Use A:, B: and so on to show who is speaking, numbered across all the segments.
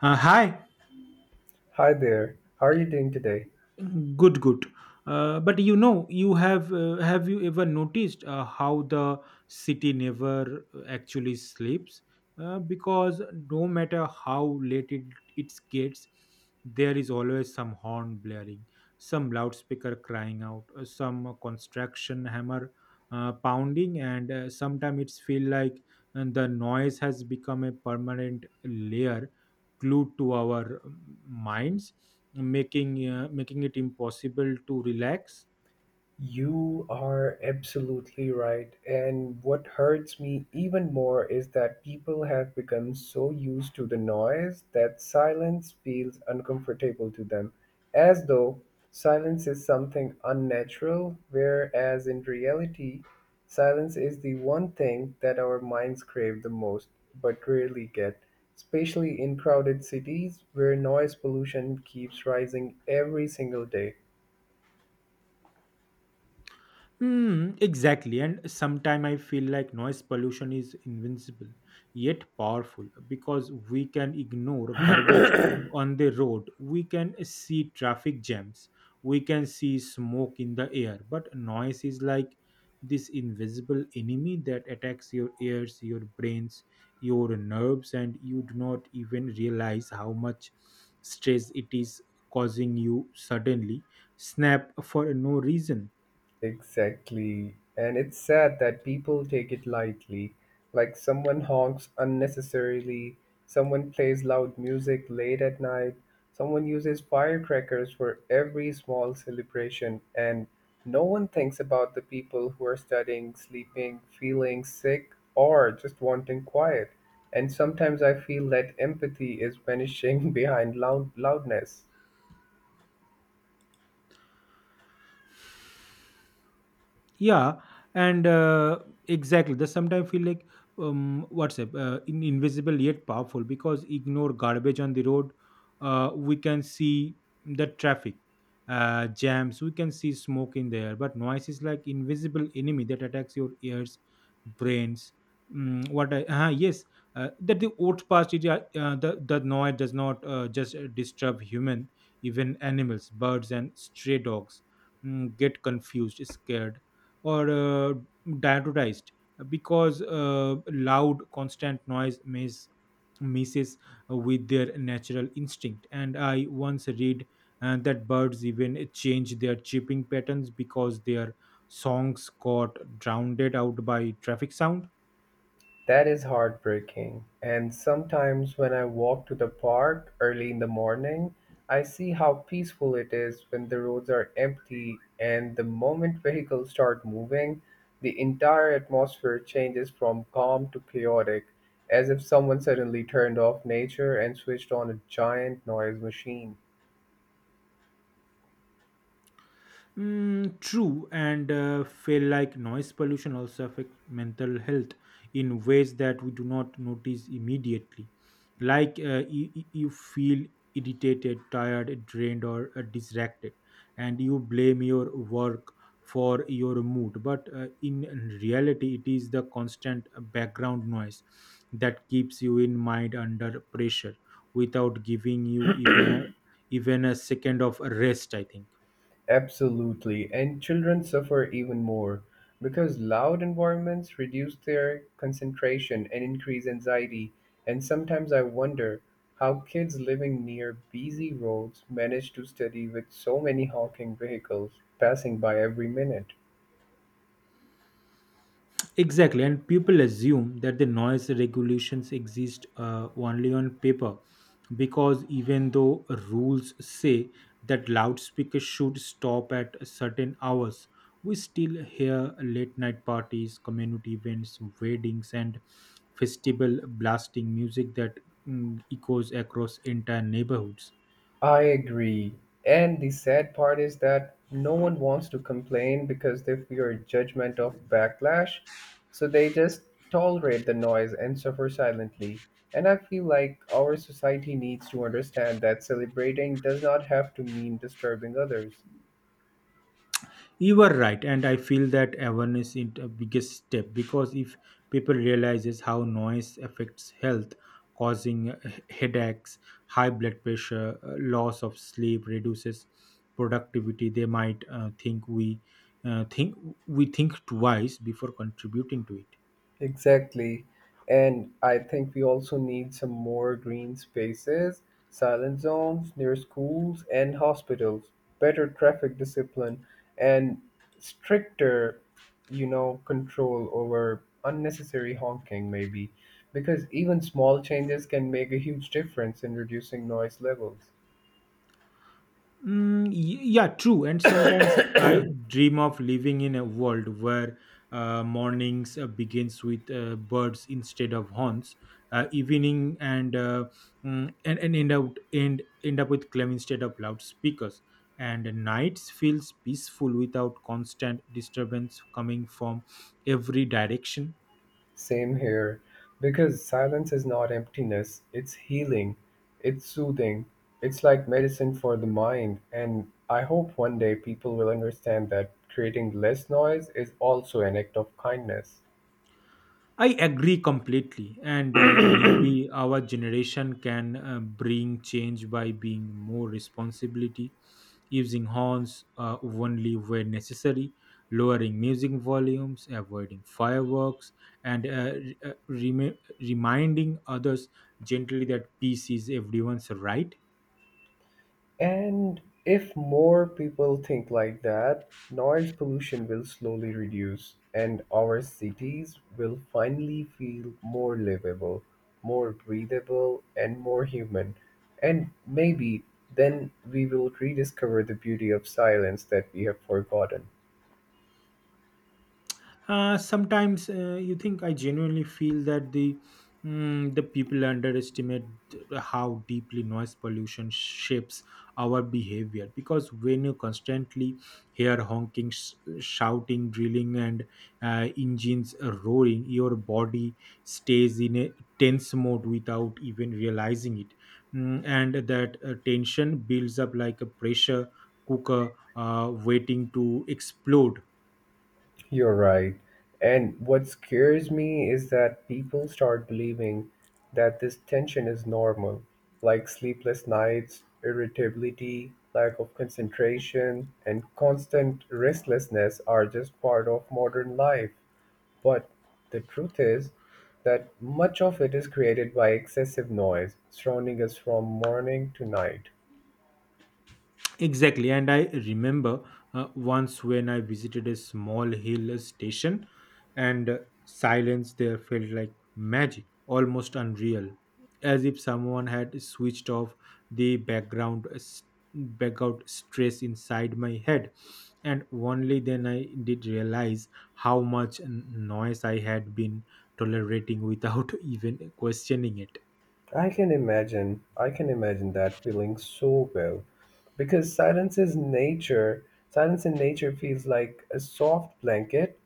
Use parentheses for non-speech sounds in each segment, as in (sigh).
A: Hi,
B: Hi there. How are you doing today?
A: good, good. But you know, you have you ever noticed how the city never actually sleeps? Because no matter how late it gets, there is always some horn blaring, some loudspeaker crying out, some construction hammer pounding, and sometimes it's feel like the noise has become a permanent layer glued to our minds, making it impossible to relax.
B: You are absolutely right. And what hurts me even more is that people have become so used to the noise that silence feels uncomfortable to them, as though silence is something unnatural, whereas in reality, silence is the one thing that our minds crave the most but rarely get. Especially in crowded cities where noise pollution keeps rising every single day.
A: Hmm, exactly. And sometimes I feel like noise pollution is invincible yet powerful, because we can ignore garbage on the road, we can see traffic jams, we can see smoke in the air. But noise is like this invisible enemy that attacks your ears, your brains, your nerves, and you do not even realize how much stress it is causing you. Suddenly snap for no reason.
B: Exactly. And it's sad that people take it lightly. Like someone honks unnecessarily, someone plays loud music late at night, someone uses firecrackers for every small celebration, and no one thinks about the people who are studying, sleeping, feeling sick, or just wanting quiet. And sometimes I feel that empathy is vanishing (laughs) behind loud loudness.
A: Yeah, and exactly. That sometimes feel like WhatsApp, invisible yet powerful because ignore garbage on the road. We can see the traffic jams. We can see smoke in the air, but noise is like invisible enemy that attacks your ears, brains. Mm, what I Yes, that the oats past it. The noise does not just disturb human, even animals, birds, and stray dogs get confused, scared, or diatorized, because loud constant noise misses with their natural instinct. And I once read that birds even change their chirping patterns because their songs got drowned out by traffic sound.
B: That is heartbreaking. And sometimes when I walk to the park early in the morning, I see how peaceful it is when the roads are empty and the moment vehicles start moving, the entire atmosphere changes from calm to chaotic, as if someone suddenly turned off nature and switched on a giant noise machine.
A: Mm, true, and feel like noise pollution also affects mental health in ways that we do not notice immediately. Like you feel irritated, tired, drained, or distracted, and you blame your work for your mood. But in reality, it is the constant background noise that keeps you in mind under pressure without giving you even a second of rest, I think.
B: Absolutely, and children suffer even more because loud environments reduce their concentration and increase anxiety. And sometimes I wonder how kids living near busy roads manage to study with so many honking vehicles passing by every minute.
A: Exactly, and people assume that the noise regulations exist only on paper, because even though rules say that loudspeakers should stop at certain hours, we still hear late night parties, community events, weddings, and festival blasting music that echoes across entire neighborhoods.
B: I agree. And the sad part is that no one wants to complain because they fear judgment of backlash. So they just tolerate the noise and suffer silently. And I feel like our society needs to understand that celebrating does not have to mean disturbing others.
A: You are right, and I feel that awareness is the biggest step, because if people realizes how noise affects health, causing headaches, high blood pressure, loss of sleep, reduces productivity, they might uh, think think twice before contributing to it.
B: Exactly. And I think we also need some more green spaces, silent zones near schools and hospitals, better traffic discipline, and stricter, you know, control over unnecessary honking, maybe. Because even small changes can make a huge difference in reducing noise levels.
A: Yeah, true. And sometimes I dream of living in a world where mornings begins with birds instead of horns, evening and, mm, and end out end end up with clam instead of loudspeakers, and nights feels peaceful without constant disturbance coming from every direction.
B: Same here. Because silence is not emptiness, it's healing, it's soothing, it's like medicine for the mind. And I hope one day people will understand that creating less noise is also an act of kindness.
A: I agree completely, and maybe our generation can bring change by being more responsibility, using horns only where necessary, lowering music volumes, avoiding fireworks, and reminding others gently that peace is everyone's right.
B: And if more people think like that, noise pollution will slowly reduce and our cities will finally feel more livable, more breathable, and more human. And maybe then we will rediscover the beauty of silence that we have forgotten.
A: Sometimes you think, I genuinely feel that the people underestimate how deeply noise pollution shapes our behavior, because when you constantly hear honking, shouting, drilling, and engines roaring, your body stays in a tense mode without even realizing it. And that tension builds up like a pressure cooker waiting to explode.
B: You're right. And what scares me is that people start believing that this tension is normal, like sleepless nights, irritability, lack of concentration, and constant restlessness are just part of modern life. But the truth is that much of it is created by excessive noise surrounding us from morning to night.
A: Exactly, and I remember once when I visited a small hill station, and silence there felt like magic, almost unreal, as if someone had switched off the background background stress inside my head. And only then I did realize how much noise I had been tolerating without (laughs) even questioning it.
B: I can imagine. I can imagine that feeling so well. Because silence is nature. Silence in nature feels like a soft blanket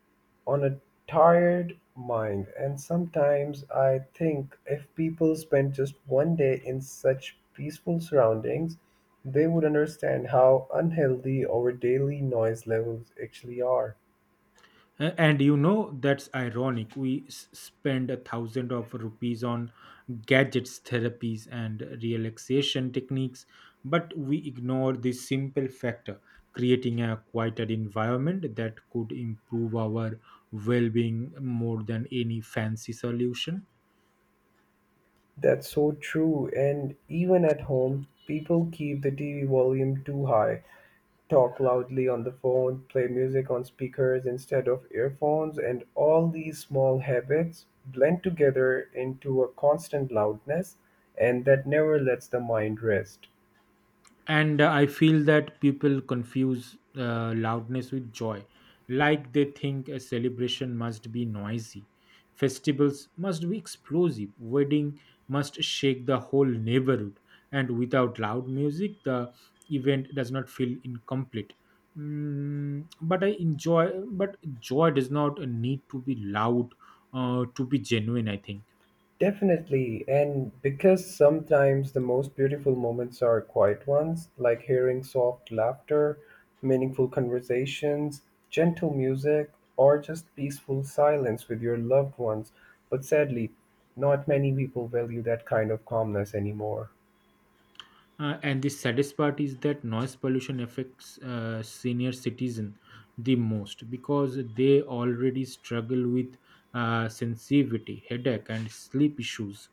B: on a tired mind. And sometimes I think if people spent just one day in such peaceful surroundings, they would understand how unhealthy our daily noise levels actually are.
A: And you know, that's ironic. We spend a thousand of rupees on gadgets, therapies, and relaxation techniques, but we ignore this simple factor, creating a quieter environment that could improve our well being more than any fancy solution.
B: That's so true. And even at home, people keep the TV volume too high talk loudly on the phone, play music on speakers instead of earphones, and all these small habits blend together into a constant loudness, and that never lets the mind rest.
A: And I feel that people confuse loudness with joy. Like, they think a celebration must be noisy, festivals must be explosive, wedding must shake the whole neighborhood, and without loud music the event does not feel incomplete. Mm, but I enjoy but joy does not need to be loud to be genuine, I think.
B: Definitely, and because sometimes the most beautiful moments are quiet ones, like hearing soft laughter, meaningful conversations, gentle music, or just peaceful silence with your loved ones. But sadly, not many people value that kind of calmness anymore.
A: And the saddest part is that noise pollution affects senior citizen the most, because they already struggle with sensitivity, headache, and sleep issues.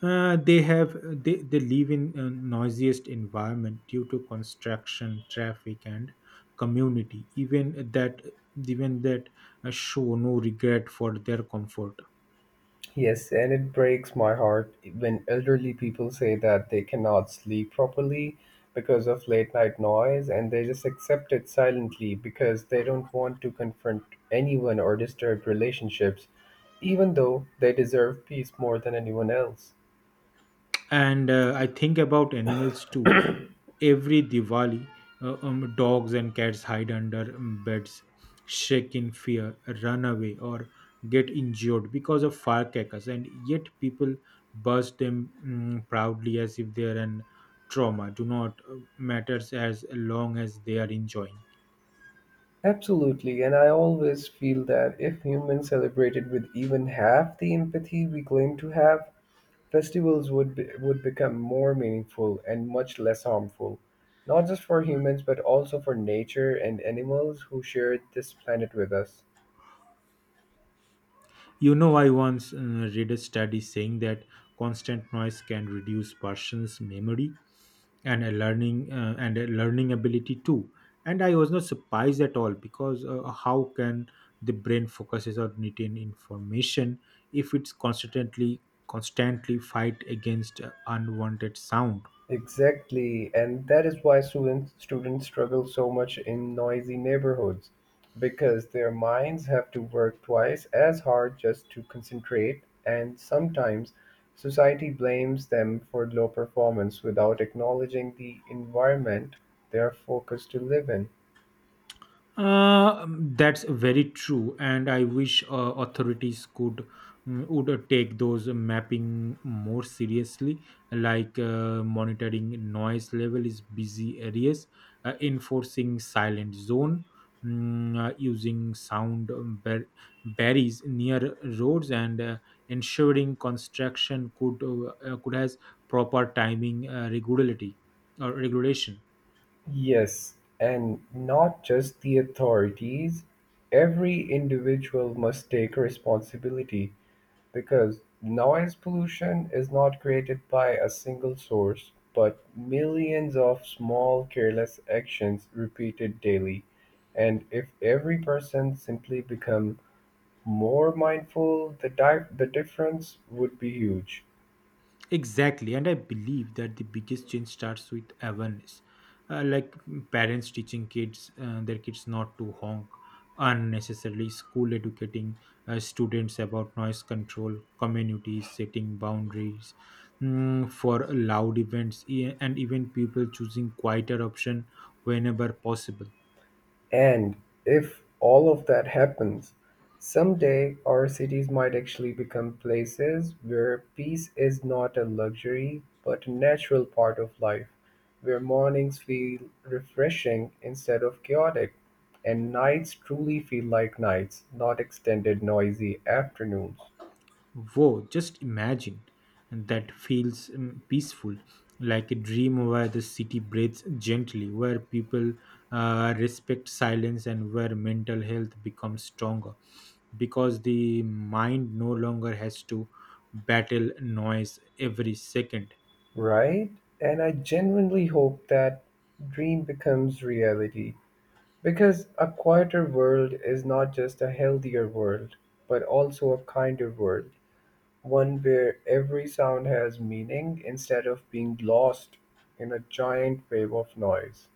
A: Uh, they have they live in a noisiest environment due to construction, traffic, and community. Even that show no regret for their comfort.
B: Yes, and it breaks my heart when elderly people say that they cannot sleep properly because of late night noise and they just accept it silently because they don't want to confront anyone or disturb relationships, even though they deserve peace more than anyone else.
A: And I think about animals too. Every Diwali, dogs and cats hide under beds, shake in fear, run away, or get injured because of firecrackers, and yet people burst them proudly, as if they are an trauma. Do not matters as long as they are enjoying.
B: Absolutely, and I always feel that if humans celebrated with even half the empathy we claim to have, festivals would be, would become more meaningful and much less harmful, not just for humans but also for nature and animals who shared this planet with us.
A: You know, I once read a study saying that constant noise can reduce person's memory and a learning ability too. And I was not surprised at all, because how can the brain focuses on retained information if it's constantly fight against unwanted sound?
B: Exactly, and that is why students struggle so much in noisy neighborhoods because their minds have to work twice as hard just to concentrate and sometimes society blames them for low performance without acknowledging the environment they are focused to live in.
A: Uh, that's very true, and I wish authorities would take those mapping more seriously, like monitoring noise level is busy areas, enforcing silent zone, using sound barriers near roads, and ensuring construction could has proper timing regularity or regulation.
B: Yes, and not just the authorities. Every individual must take responsibility because noise pollution is not created by a single source, but millions of small careless actions repeated daily. And if every person simply become more mindful, the difference would be huge.
A: Exactly, and I believe that the biggest change starts with awareness, like parents teaching kids their kids not to honk unnecessarily, school educating students about noise control, communities setting boundaries for loud events, and even people choosing quieter option whenever possible.
B: And if all of that happens, someday our cities might actually become places where peace is not a luxury but a natural part of life, where mornings feel refreshing instead of chaotic, and nights truly feel like nights, not extended noisy afternoons.
A: Whoa, just imagine. And that feels peaceful, like a dream where the city breathes gently, where people respect silence, and where mental health becomes stronger because the mind no longer has to battle noise every second.
B: Right? And I genuinely hope that dream becomes reality. Because a quieter world is not just a healthier world, but also a kinder world, one where every sound has meaning instead of being lost in a giant wave of noise.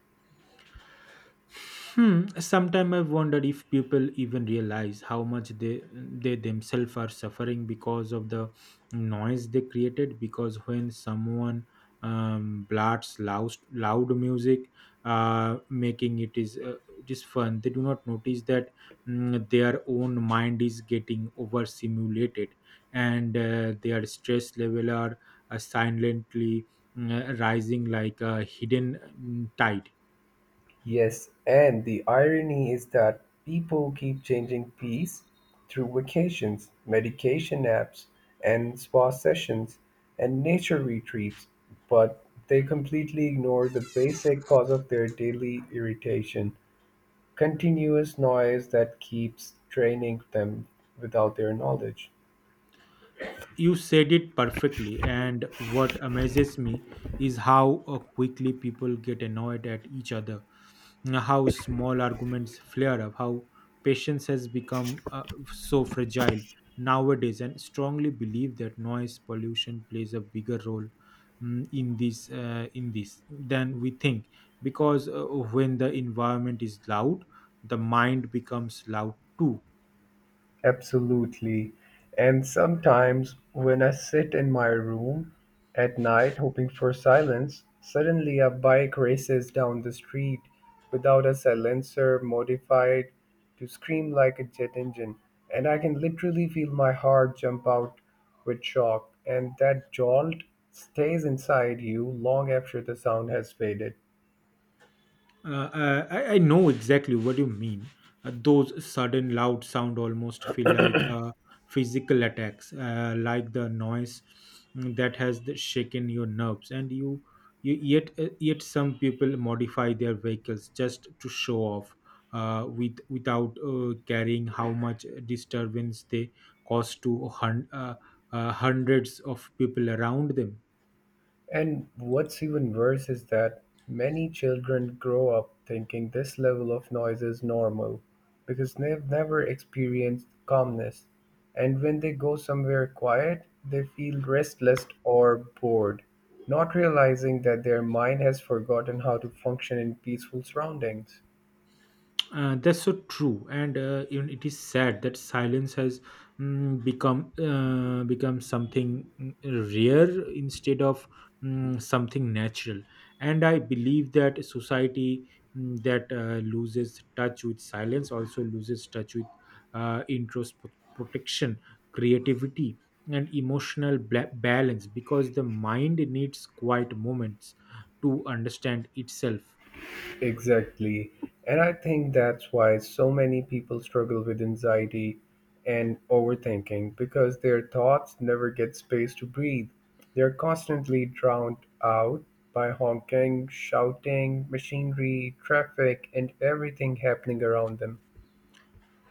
A: Hmm. Sometimes I've wondered if people even realize how much they themselves are suffering because of the noise they created. Because when someone blasts loud music, making it is, it is fun. They do not notice that their own mind is getting overstimulated, and their stress level are silently rising like a hidden tide.
B: Yes, and the irony is that people keep changing peace through vacations, medication apps, and spa sessions, and nature retreats, but they completely ignore the basic cause of their daily irritation. Continuous noise that keeps training them without their knowledge.
A: You said it perfectly, and what amazes me is how quickly people get annoyed at each other, now, how small arguments flare up, how patience has become so fragile nowadays, and strongly believe that noise pollution plays a bigger role in this than we think, because when the environment is loud, the mind becomes loud too.
B: Absolutely. And sometimes when I sit in my room at night hoping for silence, suddenly a bike races down the street without a silencer modified to scream like a jet engine. And I can literally feel my heart jump out with shock. And that jolt stays inside you long after the sound has faded.
A: I know exactly what you mean. Those sudden loud sound almost feel like physical attacks, like the noise that has shaken your nerves. And you yet, yet some people modify their vehicles just to show off, with without caring how much disturbance they cause to hundreds of people around them.
B: And what's even worse is that many children grow up thinking this level of noise is normal because they've never experienced calmness. And when they go somewhere quiet, they feel restless or bored, not realizing that their mind has forgotten how to function in peaceful surroundings.
A: That's so true, and even it is sad that silence has become something rare instead of something natural. And I believe that a society that loses touch with silence also loses touch with introspection, creativity, and emotional balance, because the mind needs quiet moments to understand itself.
B: Exactly. And I think that's why so many people struggle with anxiety and overthinking because their thoughts never get space to breathe. They're constantly drowned out by honking, shouting, machinery, traffic, and everything happening around them.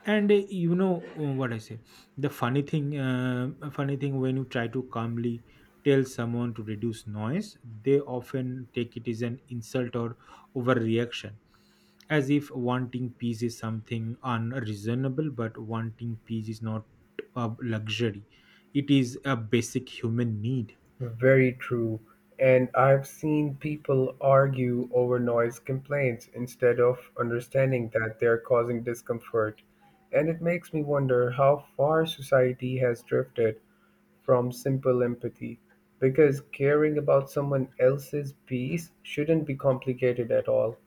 A: And you know, what I say, the funny thing, when you try to calmly tell someone to reduce noise, they often take it as an insult or overreaction, as if wanting peace is something unreasonable. But wanting peace is not a luxury, it is a basic human need.
B: Very true, and I've seen people argue over noise complaints instead of understanding that they're causing discomfort. And it makes me wonder how far society has drifted from simple empathy. Because caring about someone else's peace shouldn't be complicated at all.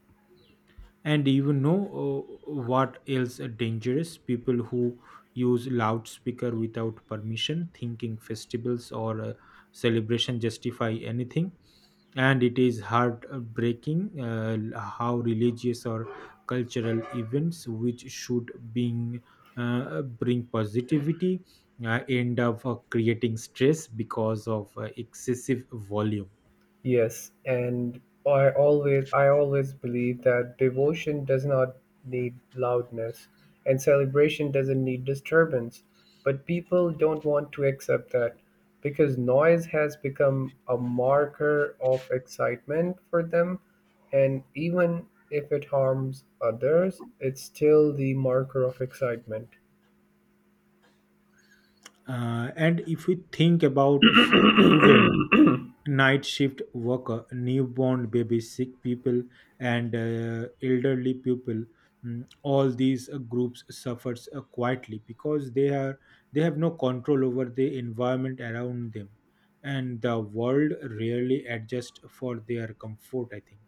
A: And you know, what else are dangerous? People who use loudspeaker without permission, thinking festivals or celebration justify anything. And it is heartbreaking how religious or cultural events, which should bring positivity, end up creating stress because of excessive volume.
B: Yes, and I always believe that devotion does not need loudness and celebration doesn't need disturbance. But people don't want to accept that because noise has become a marker of excitement for them and even if it harms others, it's still the marker of excitement.
A: And if we think about a student, night shift worker, newborn babies, sick people, and elderly people. Mm, all these groups suffers quietly, because they have no control over the environment around them, and the world rarely adjusts for their comfort, I think.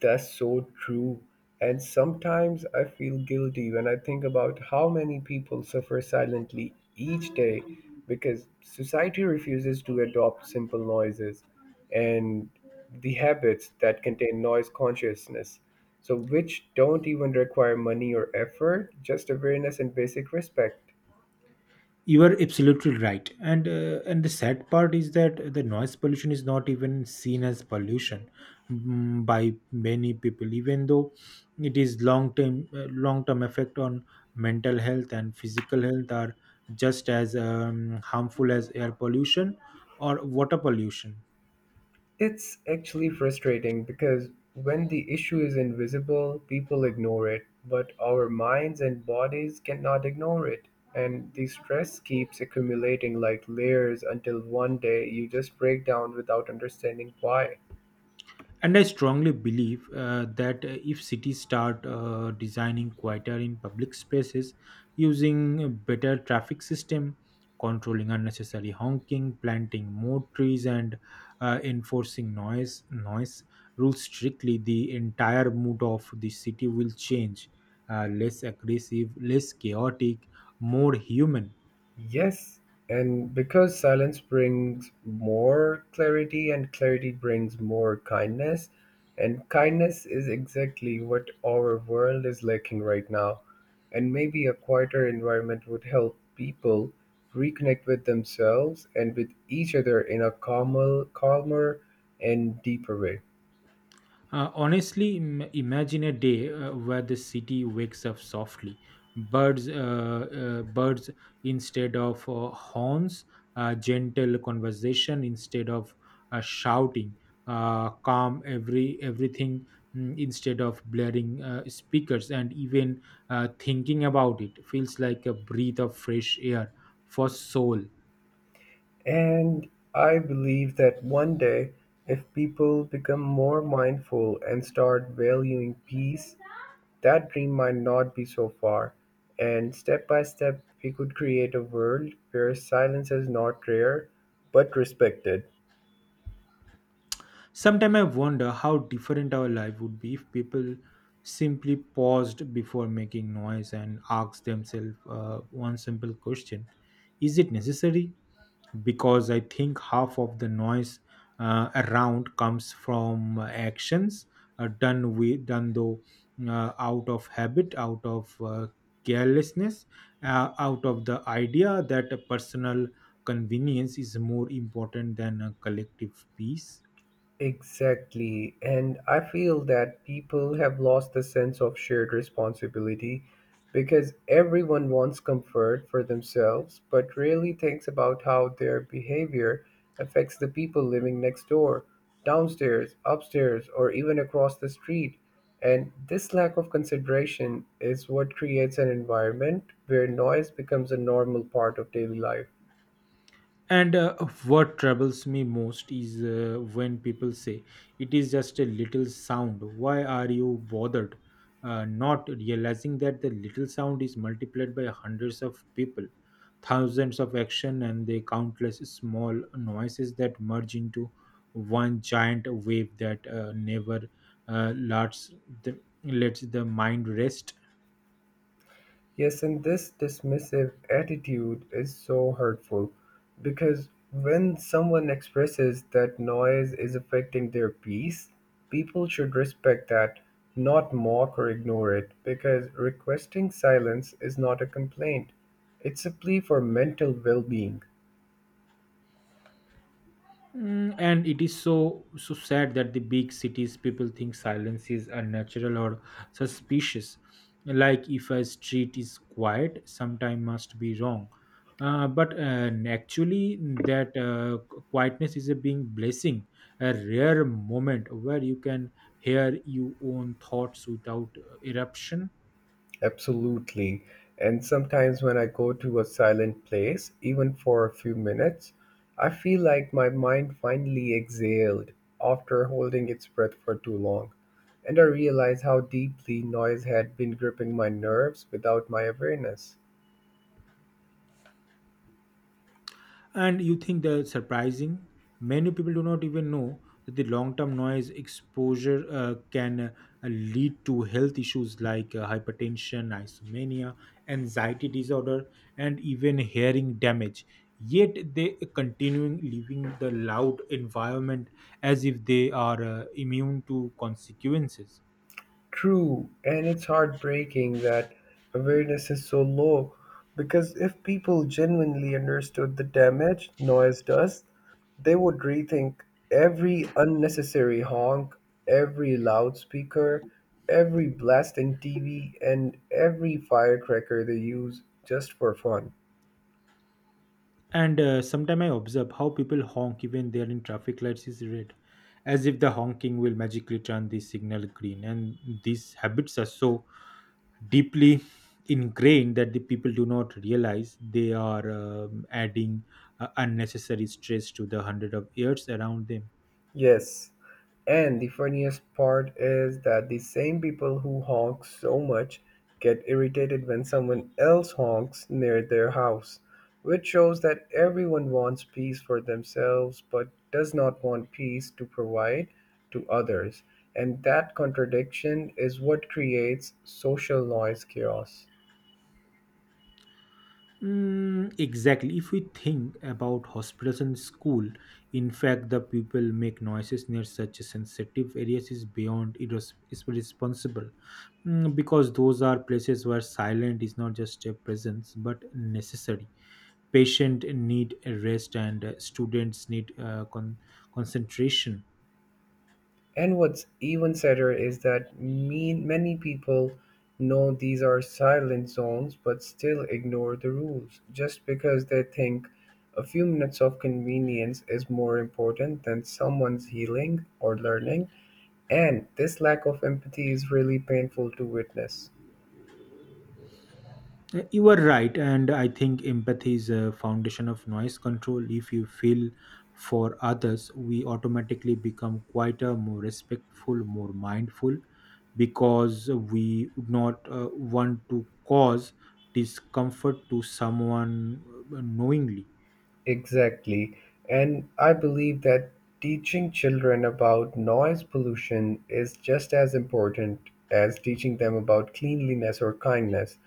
B: That's so true. And sometimes I feel guilty when I think about how many people suffer silently each day because society refuses to adopt simple noises and the habits that contain noise consciousness. So, which don't even require money or effort, just awareness and basic respect.
A: You are absolutely right, and the sad part is that the noise pollution is not even seen as pollution by many people, even though it is long term effect on mental health and physical health are just as harmful as air pollution or water pollution.
B: It's actually frustrating because when the issue is invisible, people ignore it, but our minds and bodies cannot ignore it. And the stress keeps accumulating like layers until one day you just break down without understanding why.
A: And I strongly believe that if cities start designing quieter in public spaces, using a better traffic system, controlling unnecessary honking, planting more trees, and enforcing noise rules strictly, the entire mood of the city will change. Less aggressive, less chaotic, more human.
B: Yes, and because silence brings more clarity, and clarity brings more kindness, and kindness is exactly what our world is lacking right now. And maybe a quieter environment would help people reconnect with themselves and with each other in a calmer, calmer and deeper way.
A: Honestly, imagine a day where the city wakes up softly. Birds instead of horns, gentle conversation instead of shouting, calm everything instead of blaring speakers, and even thinking about it feels like a breath of fresh air for soul.
B: And I believe that one day, if people become more mindful and start valuing peace, that dream might not be so far, and step by step we could create a world where silence is not rare but respected.
A: Sometimes I wonder how different our life would be if people simply paused before making noise and asked themselves one simple question. Is it necessary? Because I think half of the noise around comes from actions done though out of habit, out of carelessness, out of the idea that a personal convenience is more important than a collective peace.
B: Exactly. And I feel that people have lost the sense of shared responsibility because everyone wants comfort for themselves but rarely thinks about how their behavior affects the people living next door, downstairs, upstairs, or even across the street. And this lack of consideration is what creates an environment where noise becomes a normal part of daily life.
A: And what troubles me most is when people say it is just a little sound. Why are you bothered? Not realizing that the little sound is multiplied by hundreds of people, thousands of action, and the countless small noises that merge into one giant wave that never lets lets the mind rest.
B: Yes, and this dismissive attitude is so hurtful because when someone expresses that noise is affecting their peace, people should respect that, not mock or ignore it, because requesting silence is not a complaint, it's a plea for mental well being.
A: And it is so sad that the big cities people think silence is unnatural or suspicious, like if a street is quiet sometime must be wrong. But Actually that quietness is a being blessing, a rare moment where you can hear your own thoughts without eruption.
B: Absolutely. And sometimes when I go to a silent place, even for a few minutes, I feel like my mind finally exhaled after holding its breath for too long. And I realize how deeply noise had been gripping my nerves without my awareness.
A: And you think they're surprising. Many people do not even know that the long-term noise exposure can lead to health issues like hypertension, isomania, anxiety disorder, and even hearing damage. Yet they continuing living the loud environment as if they are immune to consequences.
B: True, and it's heartbreaking that awareness is so low because if people genuinely understood the damage noise does, they would rethink every unnecessary honk, every loudspeaker, every blasting TV, and every firecracker they use just for fun.
A: And sometimes I observe how people honk even there in traffic lights is red, as if the honking will magically turn the signal green. And these habits are so deeply ingrained that the people do not realize they are adding unnecessary stress to the hundred of years around them.
B: Yes, and the funniest part is that the same people who honk so much get irritated when someone else honks near their house, which shows that everyone wants peace for themselves but does not want peace to provide to others. And that contradiction is what creates social noise chaos.
A: Exactly. If we think about hospitals and school, in fact, the people make noises near such sensitive areas is beyond is irresponsible. Because those are places where silent is not just a presence but necessary. Patient need a rest, and students need concentration.
B: And what's even sadder is that mean many people know these are silent zones but still ignore the rules just because they think a few minutes of convenience is more important than someone's healing or learning. And this lack of empathy is really painful to witness.
A: You are right, and I think empathy is a foundation of noise control. If you feel for others, we automatically become quieter, more respectful, more mindful, because we would not want to cause discomfort to someone knowingly.
B: Exactly. And I believe that teaching children about noise pollution is just as important as teaching them about cleanliness or kindness.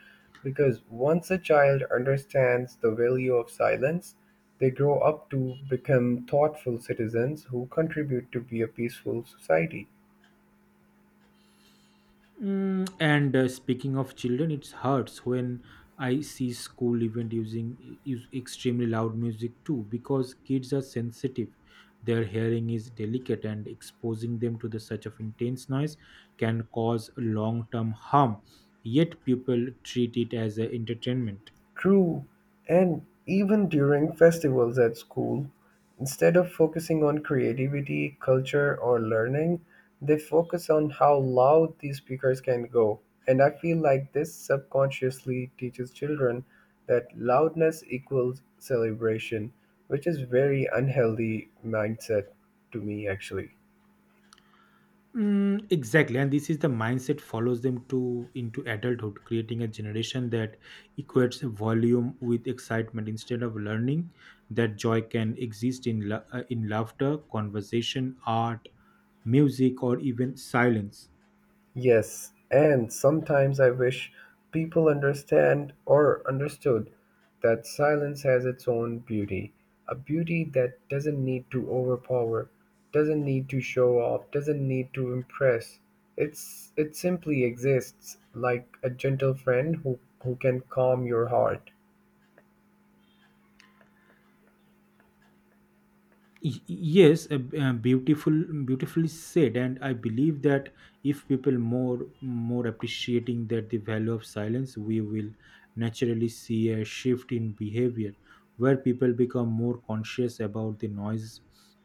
B: Because once a child understands the value of silence, they grow up to become thoughtful citizens who contribute to be a peaceful society.
A: Mm, and Speaking of children, it hurts when I see school event using use extremely loud music too, because kids are sensitive. Their hearing is delicate, and exposing them to the such of intense noise can cause long term harm. Yet people treat it as a entertainment.
B: True, and even during festivals at school, instead of focusing on creativity, culture, or learning, they focus on how loud these speakers can go. And I feel like this subconsciously teaches children that loudness equals celebration, which is very unhealthy mindset to me actually.
A: Exactly, and this is the mindset follows them to into adulthood, creating a generation that equates volume with excitement instead of learning. That joy can exist in in laughter, conversation, art, music, or even silence.
B: Yes, and sometimes I wish people understand or understood that silence has its own beauty, a beauty that doesn't need to overpower, doesn't need to show off, doesn't need to impress. It's it simply exists like a gentle friend who can calm your heart.
A: Yes, a beautifully said. And I believe that if people more appreciating that the value of silence, we will naturally see a shift in behavior where people become more conscious about the noise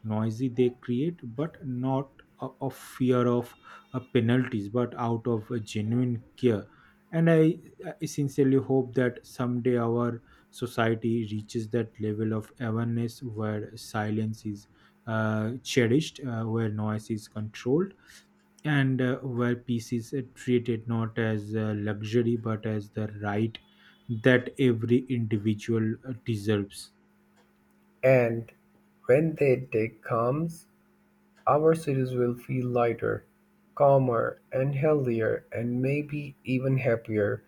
A: noisy they create, but not of fear of penalties but out of a genuine care. and I, I sincerely hope that someday our society reaches that level of awareness where silence is cherished, where noise is controlled, and where peace is treated not as a luxury but as the right that every individual deserves.
B: And when that day comes, our cities will feel lighter, calmer, and healthier, and maybe even happier.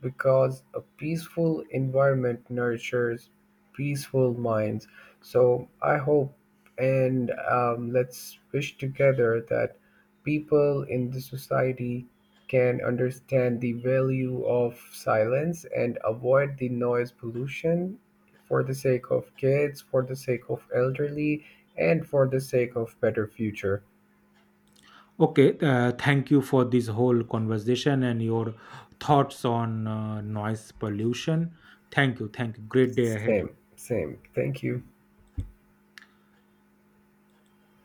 B: Because a peaceful environment nurtures peaceful minds. So I hope and let's wish together that people in the society can understand the value of silence and avoid the noise pollution for the sake of kids, for the sake of elderly, and for the sake of better future.
A: Okay, thank you for this whole conversation and your thoughts on noise pollution. Thank you. Great day ahead.
B: Same, same. Thank you.